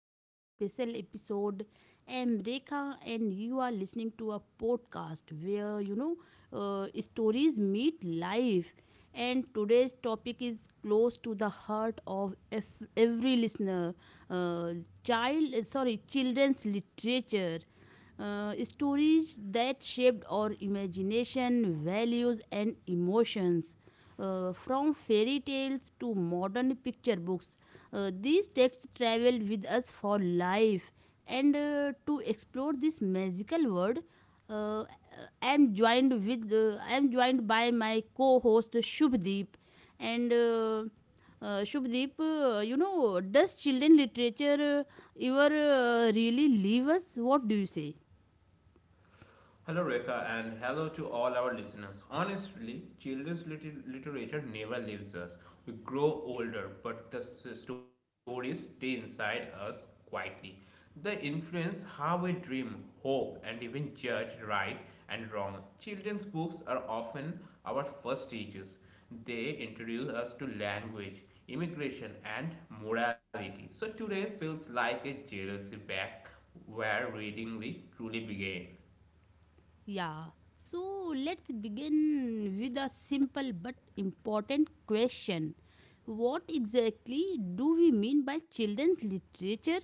today's special episode. I'm Rekha and you are listening to a podcast where stories meet life. And today's topic is close to the heart of every listener. Uh, Children's literature. Stories that shaped our imagination, values, and emotions from fairy tales to modern picture books, these texts travel with us for life. And to explore this magical world, uh, I am joined by my co-host Shubdeep, and Shubdeep, does children literature ever really leave us? What do you say? Hello, Rekha, and hello to all our listeners. Honestly, children's literature never leaves us. We grow older, but the stories stay inside us quietly. They influence how we dream, hope, and even judge right and wrong. Children's books are often our first teachers. They introduce us to language, immigration, and morality. So today feels like a jealousy back where reading really truly began. Yeah. So let's begin with a simple but important question. What exactly do we mean by children's literature?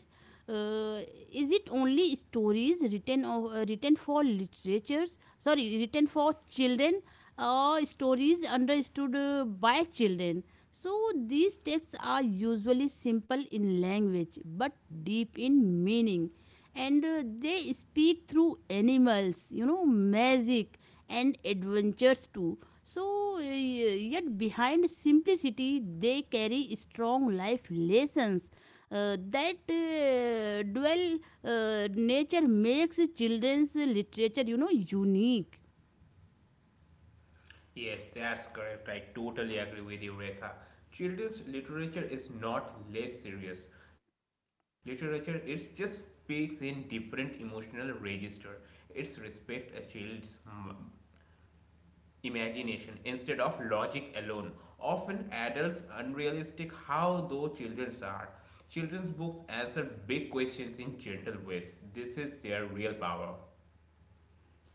Uh, is it only stories written of written for literatures? Sorry, written for children, or stories understood by children. So these texts are usually simple in language but deep in meaning, and they speak through animals, you know, magic and adventures too. So yet behind simplicity they carry strong life lessons, that dual nature makes children's literature, unique. Yes, that's correct. I totally agree with you, Rekha. Children's literature is not less serious. Literature it just speaks in different emotional register. It's respect a child's imagination instead of logic alone. Often adults unrealistic how though children's are. Children's books answer big questions in gentle ways. This is their real power.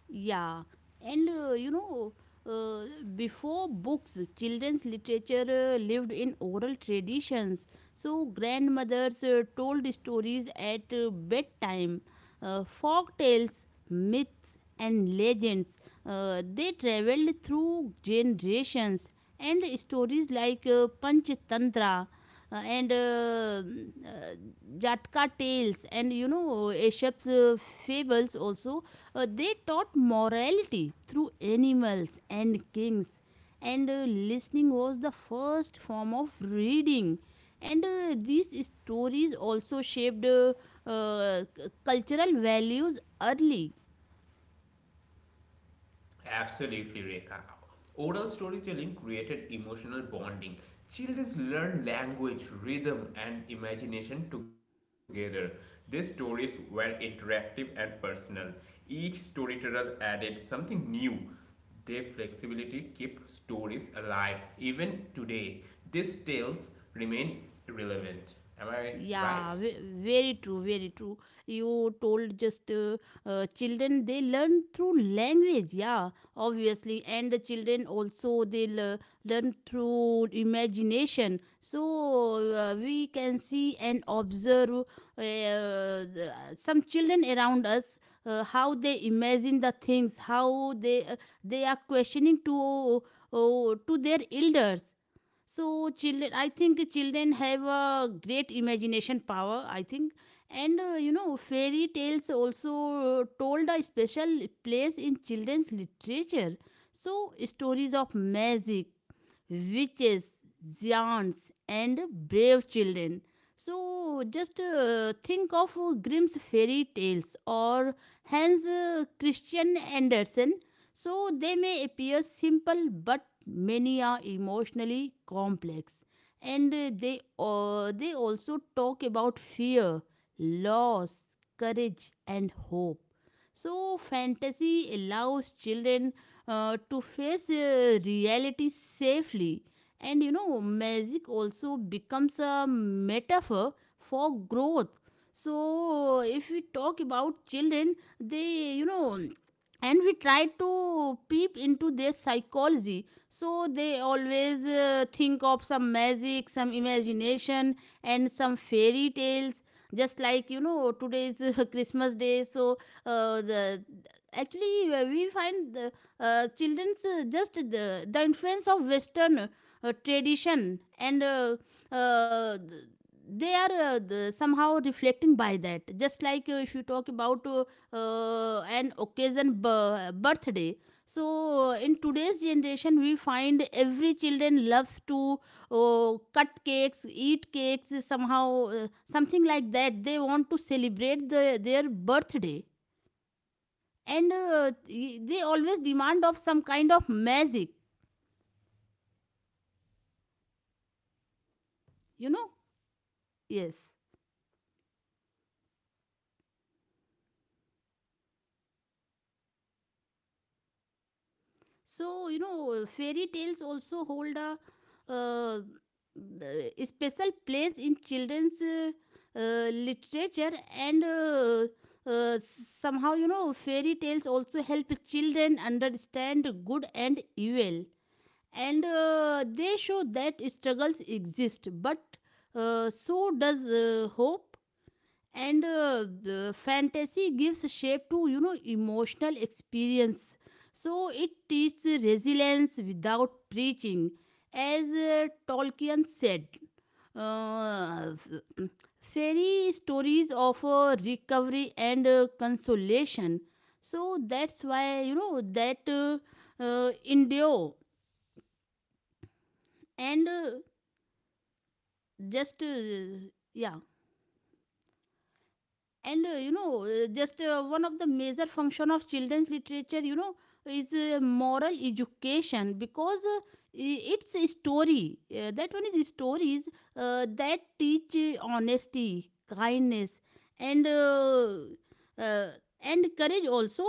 Yeah, and uh, before books, children's literature lived in oral traditions. So grandmothers told stories at bedtime, folk tales, myths, and legends. They traveled through generations, and stories like Panchatantra uh, and uh, mm, uh, Jatka tales, and you know, Aesop's fables also, they taught morality through animals and kings, and listening was the first form of reading. And these stories also shaped cultural values early. Absolutely, Rekha. Oral storytelling created emotional bonding. Children learn language, rhythm, and imagination together. These stories were interactive and personal. Each storyteller added something new. Their flexibility kept stories alive. Even today, these tales remain relevant. Am I right? Yeah, ve- Very true, very true. You told just children, they learn through language, yeah, obviously, and the children also, learn through imagination. So we can see and observe some children around us, how they imagine the things, how they are questioning to their elders. So children, I think, children have a great imagination power, I think. And you know, fairy tales also told a special place in children's literature. So stories of magic, witches, giants, and brave children. So just think of Grimm's fairy tales or Hans Christian Andersen. So they may appear simple, but many are emotionally complex. And they also talk about fear, loss, courage, and hope. So fantasy allows children to face reality safely. And you know, magic also becomes a metaphor for growth. So if we talk about children, they, you know, and we try to peep into their psychology, so they always think of some magic, some imagination, and some fairy tales. Just, like you know, today's Christmas day. So the actually we find the children's, the influence of Western tradition. And uh, th- they are somehow reflecting by that. Just like, if you talk about an occasion, birthday. So in today's generation, we find every children loves to cut cakes, eat cakes, somehow, something like that. They want to celebrate their birthday. And they always demand of some kind of magic, you know. Yes. So you know, fairy tales also hold a, uh, special place in children's literature. And uh, somehow, you know, fairy tales also help children understand good and evil. And they show that struggles exist, but so does hope. And the fantasy gives shape to, you know, emotional experience. So it teaches resilience without preaching. As Tolkien said, uh, f- fairy stories offer recovery and consolation. So that's why, you know, that endure. And just yeah. And you know just one of the major function of children's literature, you know, is moral education, because I- it's a story that one is stories that teach honesty, kindness, and uh, uh, and courage also.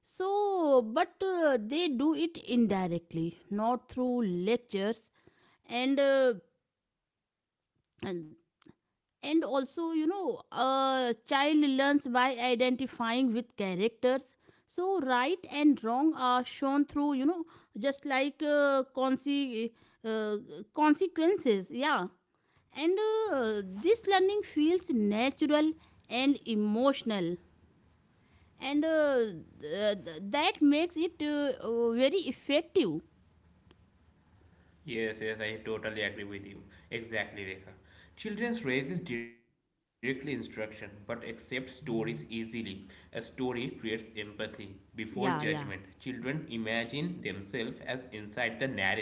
So but they do it indirectly, not through lectures. And and also, you know, a child learns by identifying with characters. So right and wrong are shown through, you know, just like uh, consequences, yeah. And this learning feels natural and emotional. And that makes it very effective. Yes, yes, I totally agree with you. Exactly, Rekha. Children raises directly instruction but accept stories easily. A story creates empathy before judgment. Yeah, yeah. Children imagine themselves as inside the narrative.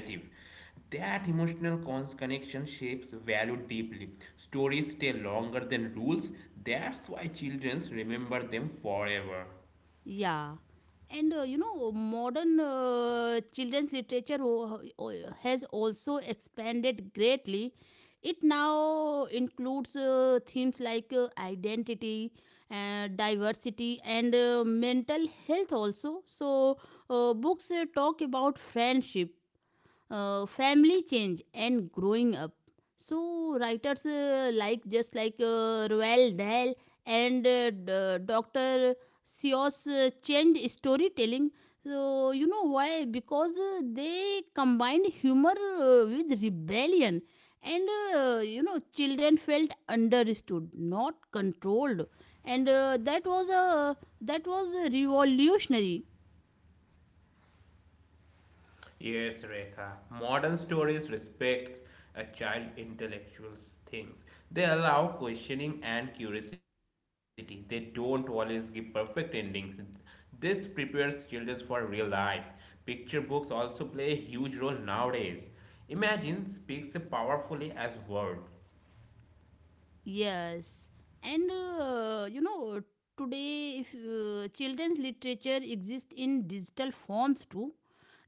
That emotional connection shapes value deeply. Stories stay longer than rules. That's why children remember them forever. Yeah, and you know, modern children's literature has also expanded greatly. It now includes themes like identity, diversity, and mental health also. So books talk about friendship, family, change, and growing up. So writers like just like Roald Dahl and Dr. Seuss changed storytelling. So you know why? Because they combined humor with rebellion. And you know, children felt understood, not controlled. And that was revolutionary. Yes, Rekha. Modern stories respects a child intellectual's things. They allow questioning and curiosity. They don't always give perfect endings. This prepares children for real life. Picture books also play a huge role nowadays. Imagine speaks powerfully as word. Yes, and you know, today if children's literature exists in digital forms too,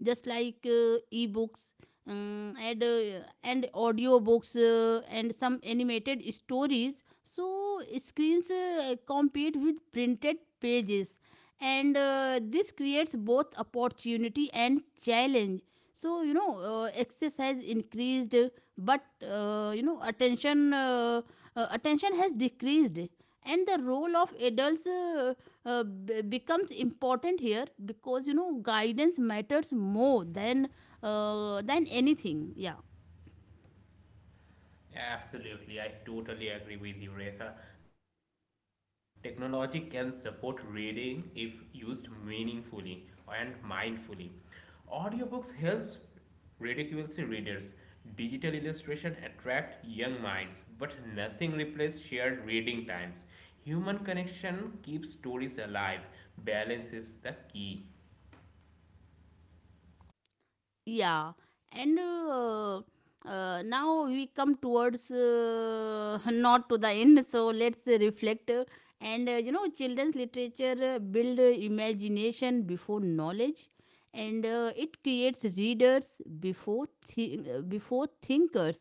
just like e-books, and audio books and some animated stories. So screens compete with printed pages, and this creates both opportunity and challenge. So you know, exercise increased, but uh, you know attention uh, attention has decreased. And the role of adults becomes important here, because you know, guidance matters more than anything, yeah. Absolutely, I totally agree with you, Rekha. Technology can support reading if used meaningfully and mindfully. Audiobooks helps ridiculous readers. Digital illustration attract young minds, but nothing replaces shared reading times. Human connection keeps stories alive. Balance is the key. Yeah, and now we come towards, not to the end. So let's reflect. Uh, and you know, children's literature build imagination before knowledge. And it creates readers before thinkers.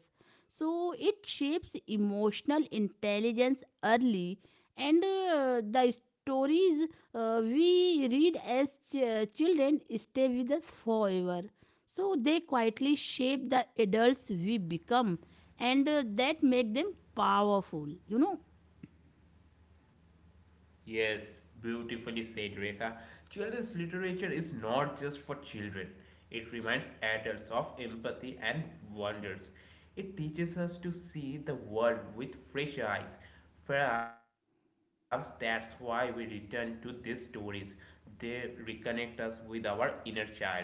So it shapes emotional intelligence early. And the stories we read as children stay with us forever. So they quietly shape the adults we become. And that make them powerful, you know. Yes, beautifully said, Rekha. Children's literature is not just for children. It reminds adults of empathy and wonders. It teaches us to see the world with fresh eyes. Perhaps that's why we return to these stories. They reconnect us with our inner child.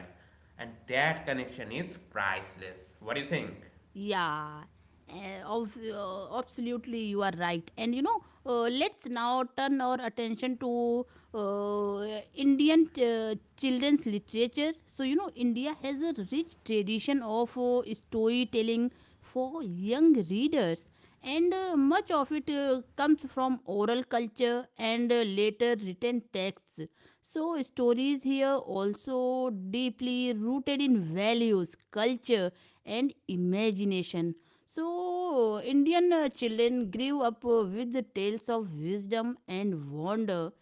And that connection is priceless. What do you think? Yeah, absolutely, you are right. And you know, let's now turn our attention to Indian children's literature. So you know, India has a rich tradition of storytelling for young readers. And much of it comes from oral culture and later written texts. So stories here also deeply rooted in values, culture, and imagination. So Indian children grew up with the tales of wisdom and wonder.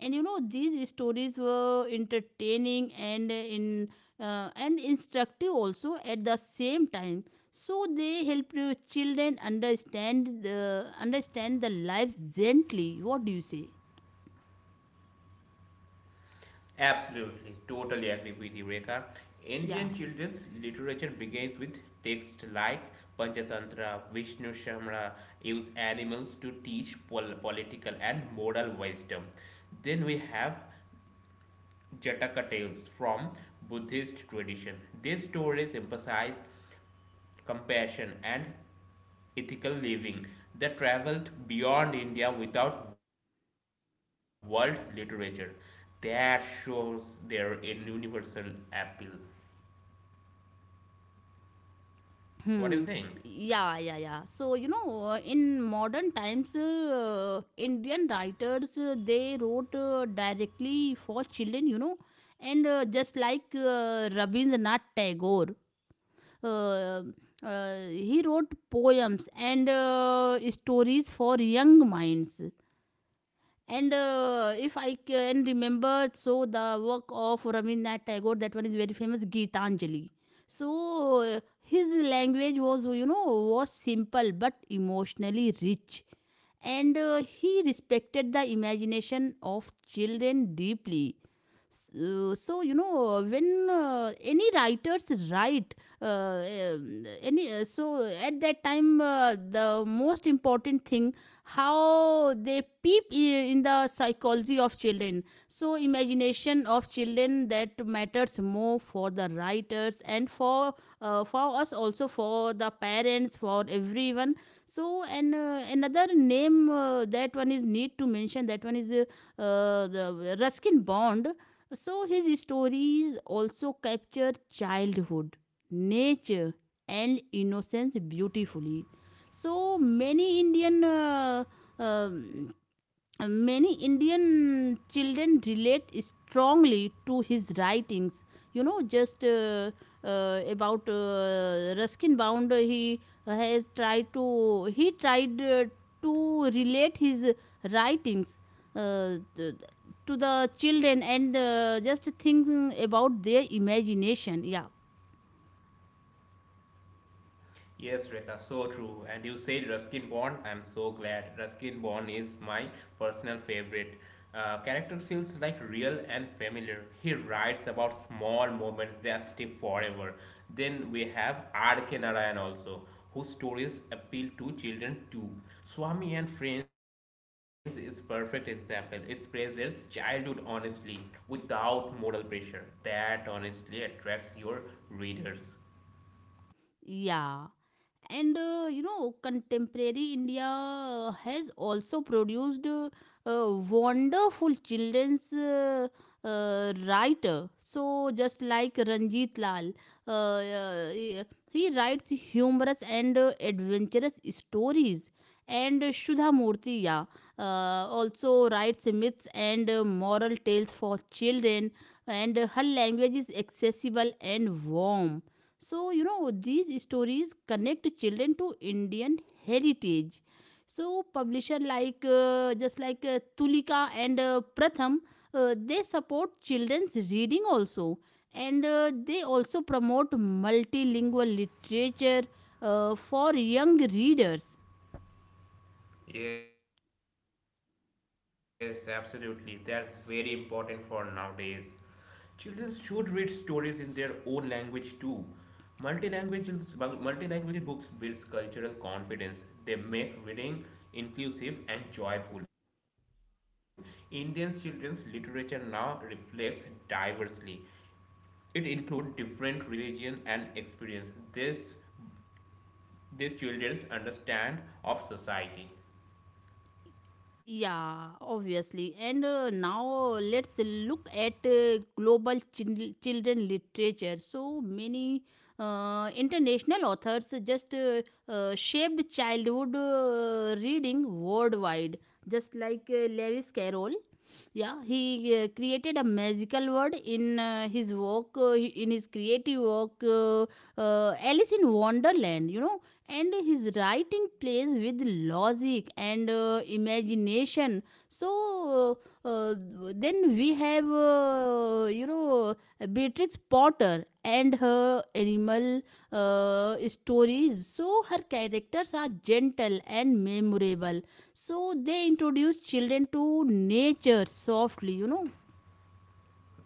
And you know, these stories were entertaining and in and instructive also at the same time. So they helped children understand the life gently. What do you say? Absolutely, totally agree with you, Rekha. Yeah. Indian children's literature begins with texts like Panchatantra, Vishnu Shamra, use animals to teach political and moral wisdom. Then we have Jataka tales from Buddhist tradition. These stories emphasize compassion, and ethical living that traveled beyond India without world literature. That shows their universal appeal. Hmm. What do you Yeah, think? yeah, yeah. So you know, in modern times, Indian writers, they wrote directly for children, you know. And just like Rabindranath Tagore, uh, he wrote poems and stories for young minds. And if I can remember, so the work of Rabindranath Tagore, that one is very famous, Gitanjali. So his language was, you know, was simple but emotionally rich. And he respected the imagination of children deeply. So, so you know, when any writers write any so at that time, the most important thing, how they in the psychology of children. So imagination of children, that matters more for the writers and for us, also for the parents, for everyone. So and another name, that one is need to mention that one is the Ruskin Bond. So his stories also capture childhood, nature, and innocence beautifully. So many Indian um, many Indian children relate strongly to his writings, you know. Just about Ruskin Bound, he has tried to he tried to relate his writings uh, th- to the children. And just think about their imagination, yeah. Yes, Rekha, so true. And you said Ruskin Bond. I'm so glad. Ruskin Bond is my personal favorite. Character feels like real and familiar. He writes about small moments that stay forever. Then we have R.K. Narayan also, whose stories appeal to children too. Swami and Friends is perfect example. It presents childhood honestly, without moral pressure. That honestly attracts your readers. Yeah, and you know, contemporary India has also produced a wonderful children's writer. So just like Ranjit Lal, uh, uh, he he writes humorous and adventurous stories. And Shudha Murthy, yeah, uh, also writes myths and moral tales for children. And her language is accessible and warm. So you know, these stories connect children to Indian heritage. So publisher like just like Tulika and Pratham, they support children's reading also. And they also promote multilingual literature for young readers. Yes, absolutely. That's very important for nowadays. Children should read stories in their own language too. Multilanguage, multilanguage books builds cultural confidence. They make reading inclusive and joyful. Indian children's literature now reflects diversely. It includes different religion and experience. This these children understand of society. Yeah, obviously. And now let's look at global children literature. So many international authors just shaped childhood reading worldwide. Just like Lewis Carroll. Yeah, he created a magical world in in his creative work, Alice in Wonderland, you know. And his writing plays with logic and imagination. So uh, uh, then we have, Beatrix Potter and her animal stories. So her characters are gentle and memorable, so they introduce children to nature softly,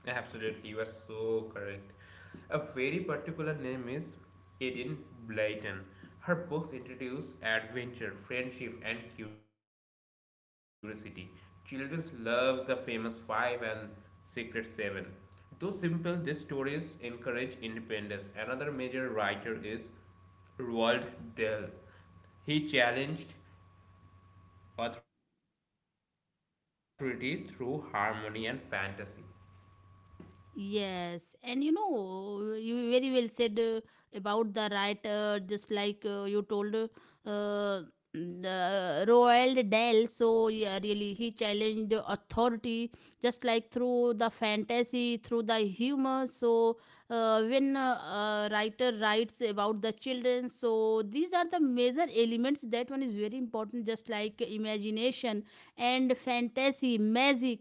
Absolutely, you are so correct. A very particular name is Edith Blyton. Her books introduce adventure, friendship, and curiosity. Children love the famous Five and Secret Seven. Though simple, these stories encourage independence. Another major writer is Roald Dahl. He challenged authority through harmony and fantasy. yes, and you very well said, about the right, just like you told, the Roald Dahl. So, yeah, really, he challenged the authority just like through the fantasy, through the humor. So, when a writer writes about the children, so these are the major elements that one is very important, just like imagination and fantasy, magic,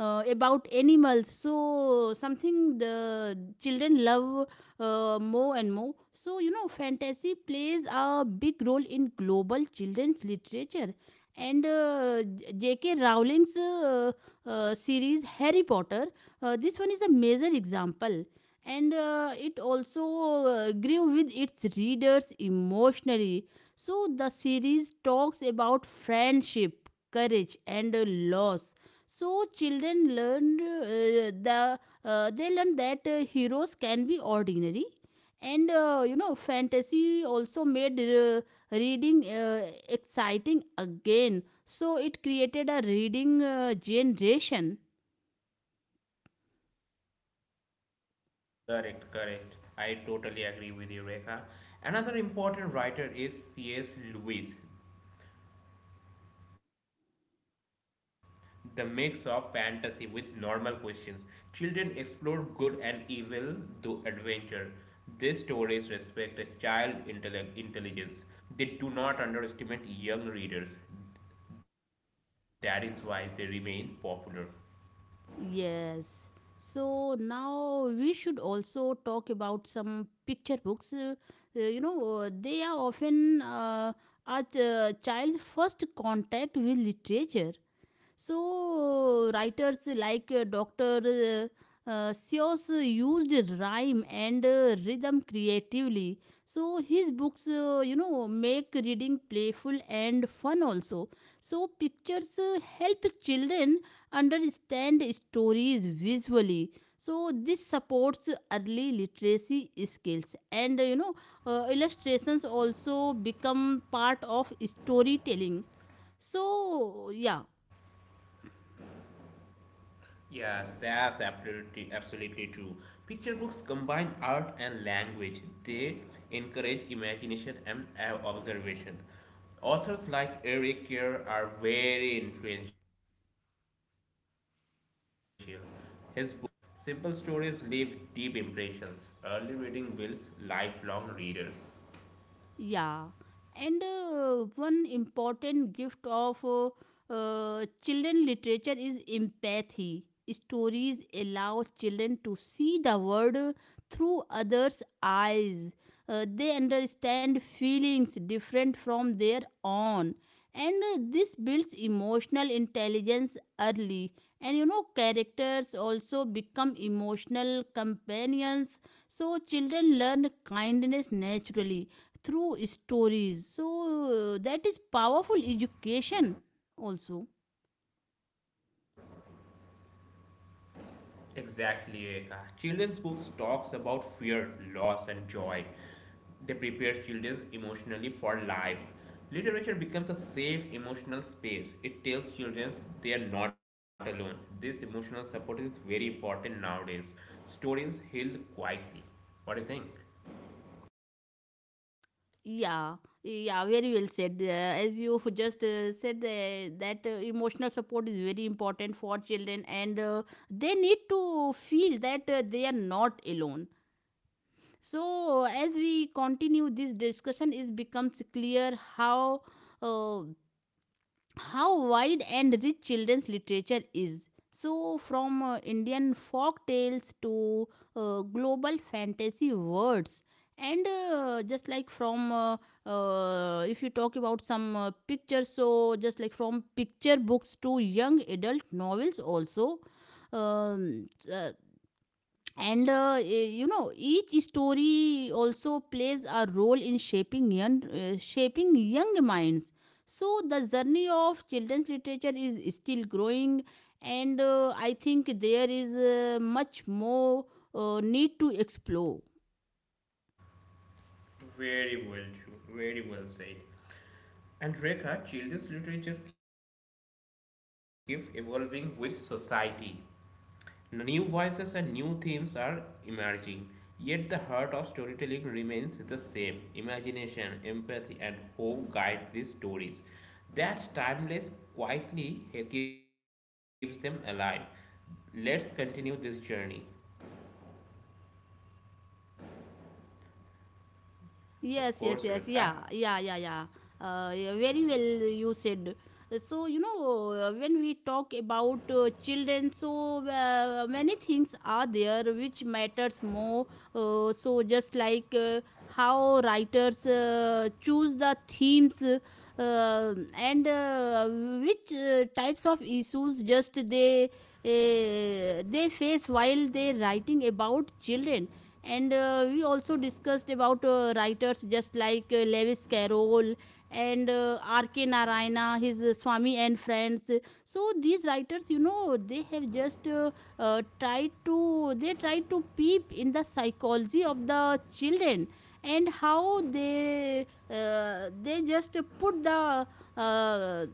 about animals, so something the children love more and more. So fantasy plays a big role in global children's literature. And JK Rowling's, series Harry Potter, this one is a major example. And it also grew with its readers emotionally. So the series talks about friendship, courage and loss. So children learn, the they learn that heroes can be ordinary, and fantasy also made reading exciting again. So it created a reading generation. Correct, correct. I totally agree with you, Rekha. Another important writer is C.S. Lewis. The mix of fantasy with normal questions. Children explore good and evil through adventure. These stories respect a child intellect intelligence. They do not underestimate young readers. That is why they remain popular. Yes. So now we should also talk about some picture books. They are often a child's first contact with literature. So, writers like Dr. Seuss used rhyme and rhythm creatively. So, his books, make reading playful and fun also. So, pictures help children understand stories visually. So, this supports early literacy skills, and illustrations also become part of storytelling, so yeah. Yes, that's absolutely, absolutely true. Picture books combine art and language. They encourage imagination and observation. Authors like Eric Kerr are very influential. His book, The Very Hunger Caterpillar, is loved worldwide. Simple stories leave deep impressions. Early reading builds lifelong readers. Yeah, and one important gift of children literature is empathy. Stories allow children to see the world through others' eyes. They understand feelings different from their own, and this builds emotional intelligence early. And characters also become emotional companions, so children learn kindness naturally through stories. So that is powerful education also. Exactly, Rekha. Children's books talks about fear, loss, and joy. They prepare children emotionally for life. Literature becomes a safe emotional space. It tells children they are not alone. This emotional support is very important nowadays. Stories heal quietly. What do you think? Yeah, yeah, very well said. As you just said that emotional support is very important for children, and they need to feel that they are not alone. So as we continue this discussion, it becomes clear uh, how wide and rich children's literature is. So, from Indian folk tales to global fantasy words, and just like from if you talk about some pictures, so just like from picture books to young adult novels, also. Um, uh, each story also plays a role in shaping young, shaping young minds. So the journey of children's literature is still growing, and I think there is much more need to explore. Very well, true. Very well said. And Rekha, children's literature keeps evolving with society. New voices and new themes are emerging, yet the heart of storytelling remains the same. Imagination, empathy, and hope guide these stories. That timeless quietly keeps them alive. Let's continue this journey. Of course, Yes, yes, Rekha. yes. Yeah, yeah, yeah, yeah. Yeah, very well you said. So, when we talk about children, so many things are there which matters more. So, just like how writers choose the themes, and which types of issues just they face while they writing about children. And we also discussed about writers just like Lewis Carroll and R.K. Narayana, his Swami and Friends. So these writers, they have just tried to they tried to peep in the psychology of the children, and how they just put the uh,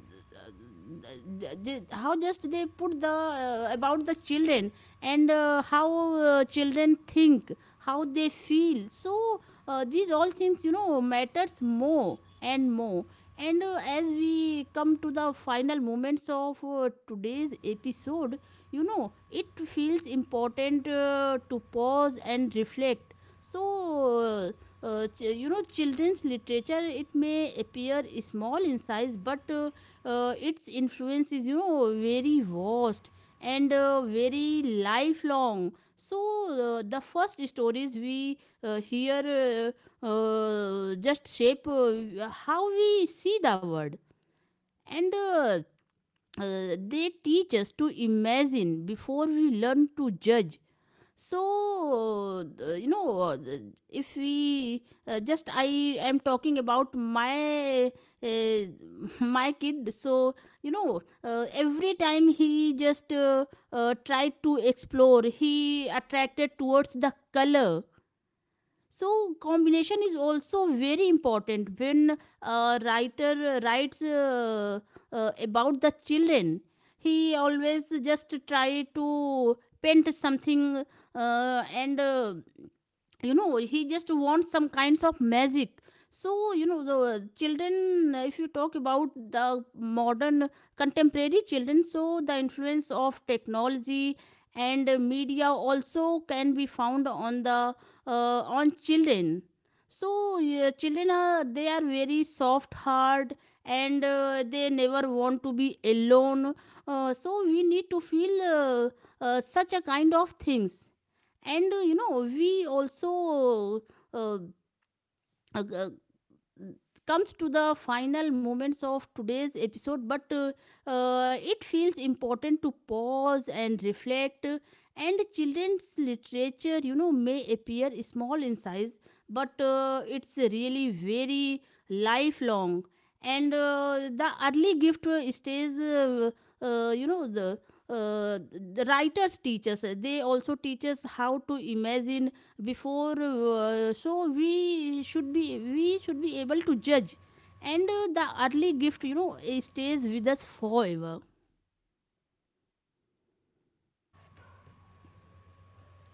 how just they put the about the children, and how children think, how they feel. So these all things, matters more and more. And as we come to the final moments of today's episode, it feels important to pause and reflect. So uh, children's literature, it may appear small in size, but its influence is, very vast and very lifelong. So the first stories we hear just shape how we see the world, and they teach us to imagine before we learn to judge. So uh, you know uh, if we just, I am talking about my uh, my kid. So every time he just tried to explore, he attracted towards the color. So combination is also very important when a writer writes about the children. He always just try to paint something, and he just wants some kinds of magic. So the children, if you talk about the modern contemporary children, so the influence of technology and media also can be found on the, on children. So yeah, children are, they are very soft hard, and they never want to be alone. So we need to feel such a kind of things. And we also uh, uh, uh, comes to the final moments of today's episode, but it feels important to pause and reflect. And children's literature, may appear small in size, but it's really very lifelong. And the early gift stays, uh, you know, the the writers teach us. They also teach us how to imagine before, so we should be, we should be able to judge. And the early gift, it stays with us forever. Yes, that's correct. That's beautifully said, Rekha.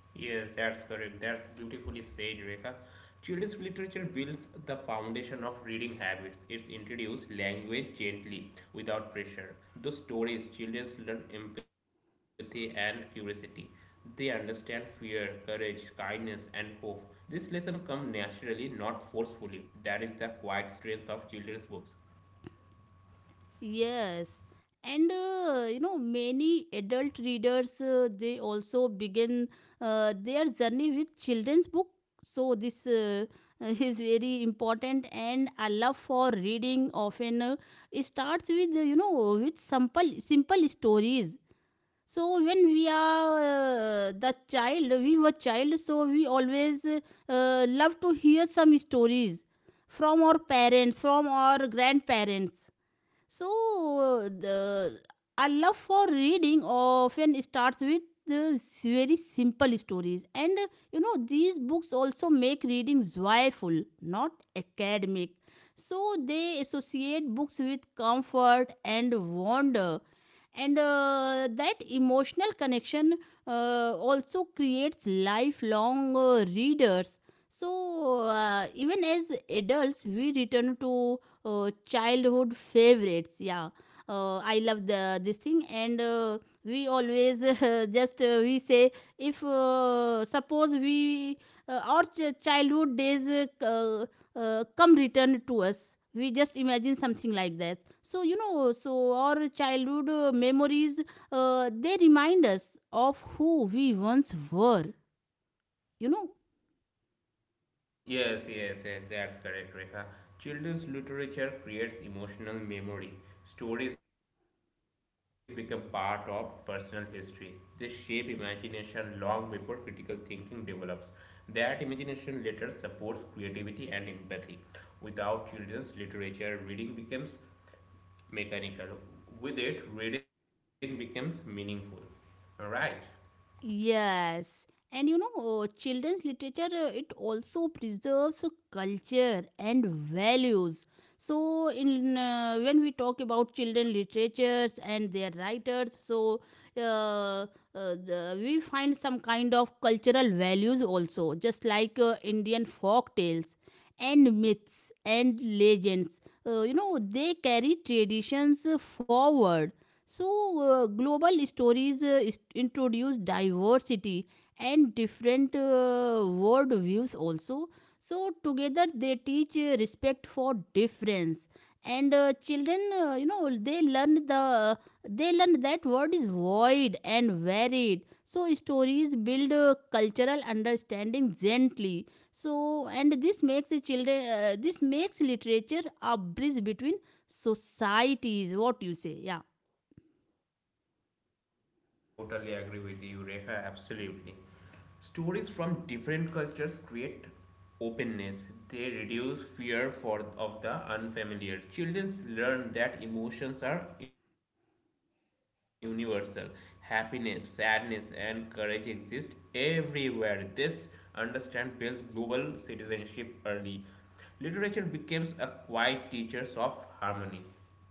Children's literature builds the foundation of reading habits. It introduces language gently, without pressure. Through stories, children learn empathy and curiosity. They understand fear, courage, kindness, and hope. This lesson comes naturally, not forcefully. That is the quiet strength of children's books. Yes. And many adult readers they also begin their journey with children's book. So this is very important, and a love for reading often starts with, with simple stories. So when we are the child, we were child, so we always love to hear some stories from our parents, from our grandparents. So, the, our love for reading often starts with the very simple stories. And these books also make reading joyful, not academic. So, they associate books with comfort and wonder. And that emotional connection also creates lifelong readers. So, even as adults, we return to childhood favorites. Yeah, I love the this thing, and we always just we say, if suppose we our childhood days come return to us, we just imagine something like that. So so our childhood memories, they remind us of who we once were, you know. Yes, yes, yes, that's correct, Rekha. Children's literature creates emotional memory. Stories become part of personal history. They shape imagination long before critical thinking develops. That imagination later supports creativity and empathy. Without children's literature, reading becomes mechanical. With it, reading becomes meaningful. Alright? Yes, and children's literature, it also preserves culture and values. So, in when we talk about children literatures and their writers, so uh, uh, we find some kind of cultural values also, just like Indian folk tales and myths and legends. You know, they carry traditions forward. So, global stories introduce diversity and different world views also. So, together they teach respect for difference. And children, they learn the, they learn that word is void and varied. So stories build cultural understanding gently. So and this makes the children, this makes literature a bridge between societies. What you say? Yeah. I totally agree with you, Rekha, absolutely. Stories from different cultures create openness. They reduce fear for of the unfamiliar. Children learn that emotions are universal. Happiness, sadness, and courage exist everywhere. This understand builds global citizenship early. Literature becomes a quiet teacher of harmony.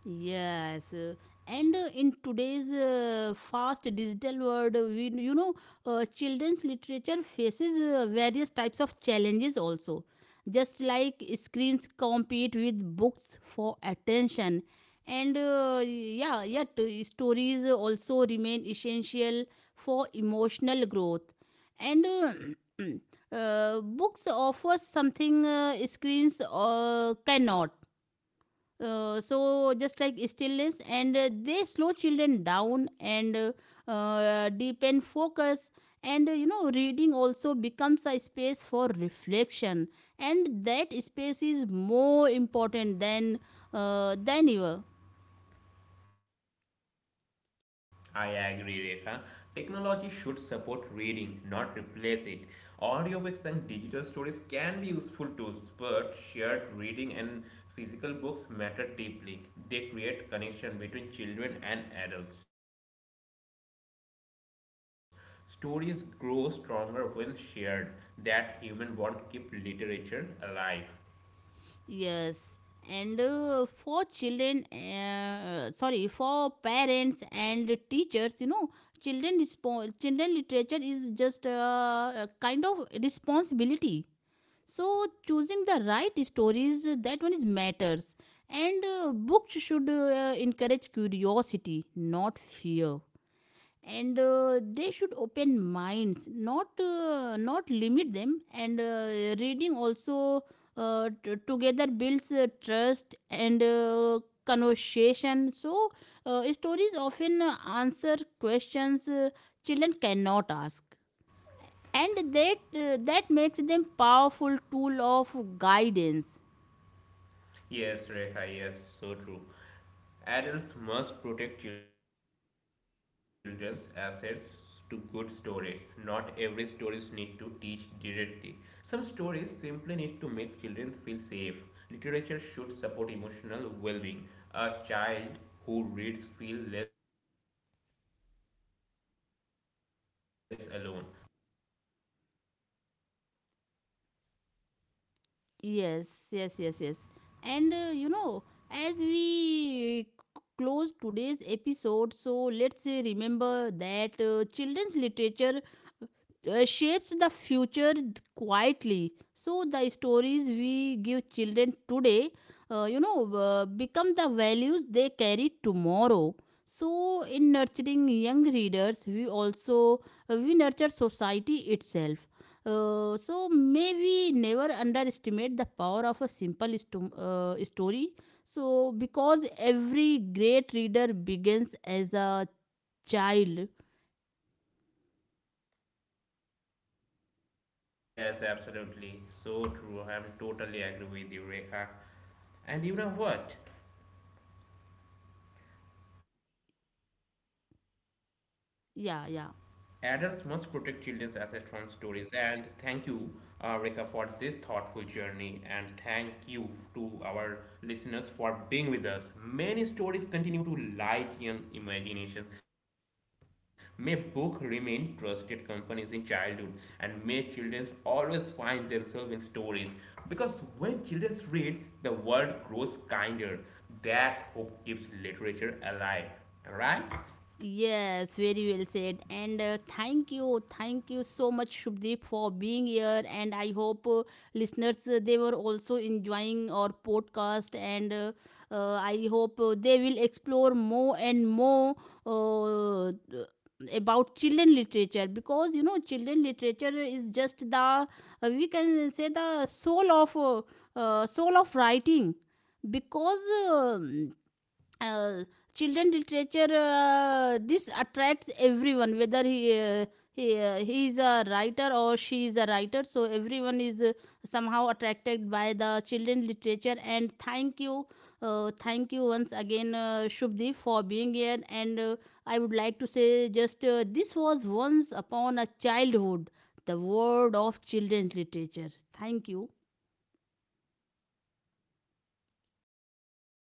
Yes, and in today's fast digital world, children's literature faces various types of challenges also. Just like screens compete with books for attention, and yeah, yet stories also remain essential for emotional growth. And books offer something screens cannot, so just like stillness. And they slow children down and deepen focus. And reading also becomes a space for reflection, and that space is more important than ever. I agree, Rekha. Technology should support reading, not replace it. Audiobooks and digital stories can be useful tools, but shared reading and physical books matter deeply. They create connection between children and adults. Stories grow stronger when shared. That human bond keeps literature alive. Yes, and for children, sorry, for parents and teachers, you know, children children literature is just a kind of responsibility. So choosing the right stories, that one is matters. And books should encourage curiosity, not fear, and they should open minds, not not limit them. And reading also together builds trust and conversation. So stories often answer questions children cannot ask, and that that makes them powerful tool of guidance. Yes, Rekha, yes, so true. Adults must protect children's assets to good stories. Not every stories need to teach directly. Some stories simply need to make children feel safe. Literature should support emotional well-being. A child who reads feel less alone. That itself a gift. Yes, yes, yes, yes. And as we close today's episode, so let's remember that children's literature shapes the future quietly. So the stories we give children today, become the values they carry tomorrow. So in nurturing young readers, we also we nurture society itself. So may we never underestimate the power of a simple story. So because every great reader begins as a child. Yes, absolutely. So true. I'm totally agree with you, Rekha. And you know what? Adults must protect children's assets from Yeah, yeah. stories. And thank you, Rekha, for this thoughtful journey. And thank you to our listeners for being with us. Many stories continue to light young imaginations. May books remain trusted companies in childhood, and may children always find themselves in stories. Because when children read, the world grows kinder. That hope keeps literature alive. All right. Yes, very well said. And thank you so much, Shubdeep, for being here. And I hope listeners they were also enjoying our podcast. And I hope they will explore more and more uh, uh, about children literature, because you know children literature is just the, we can say the soul of writing because. um uh, children literature, this attracts everyone, whether he he is a writer or she is a writer. So everyone is somehow attracted by the children literature. And thank you, thank you once again, Shubdeep, for being here. And I would like to say just, this was Once Upon a Childhood, the world of children's literature. Thank you. You're most welcome.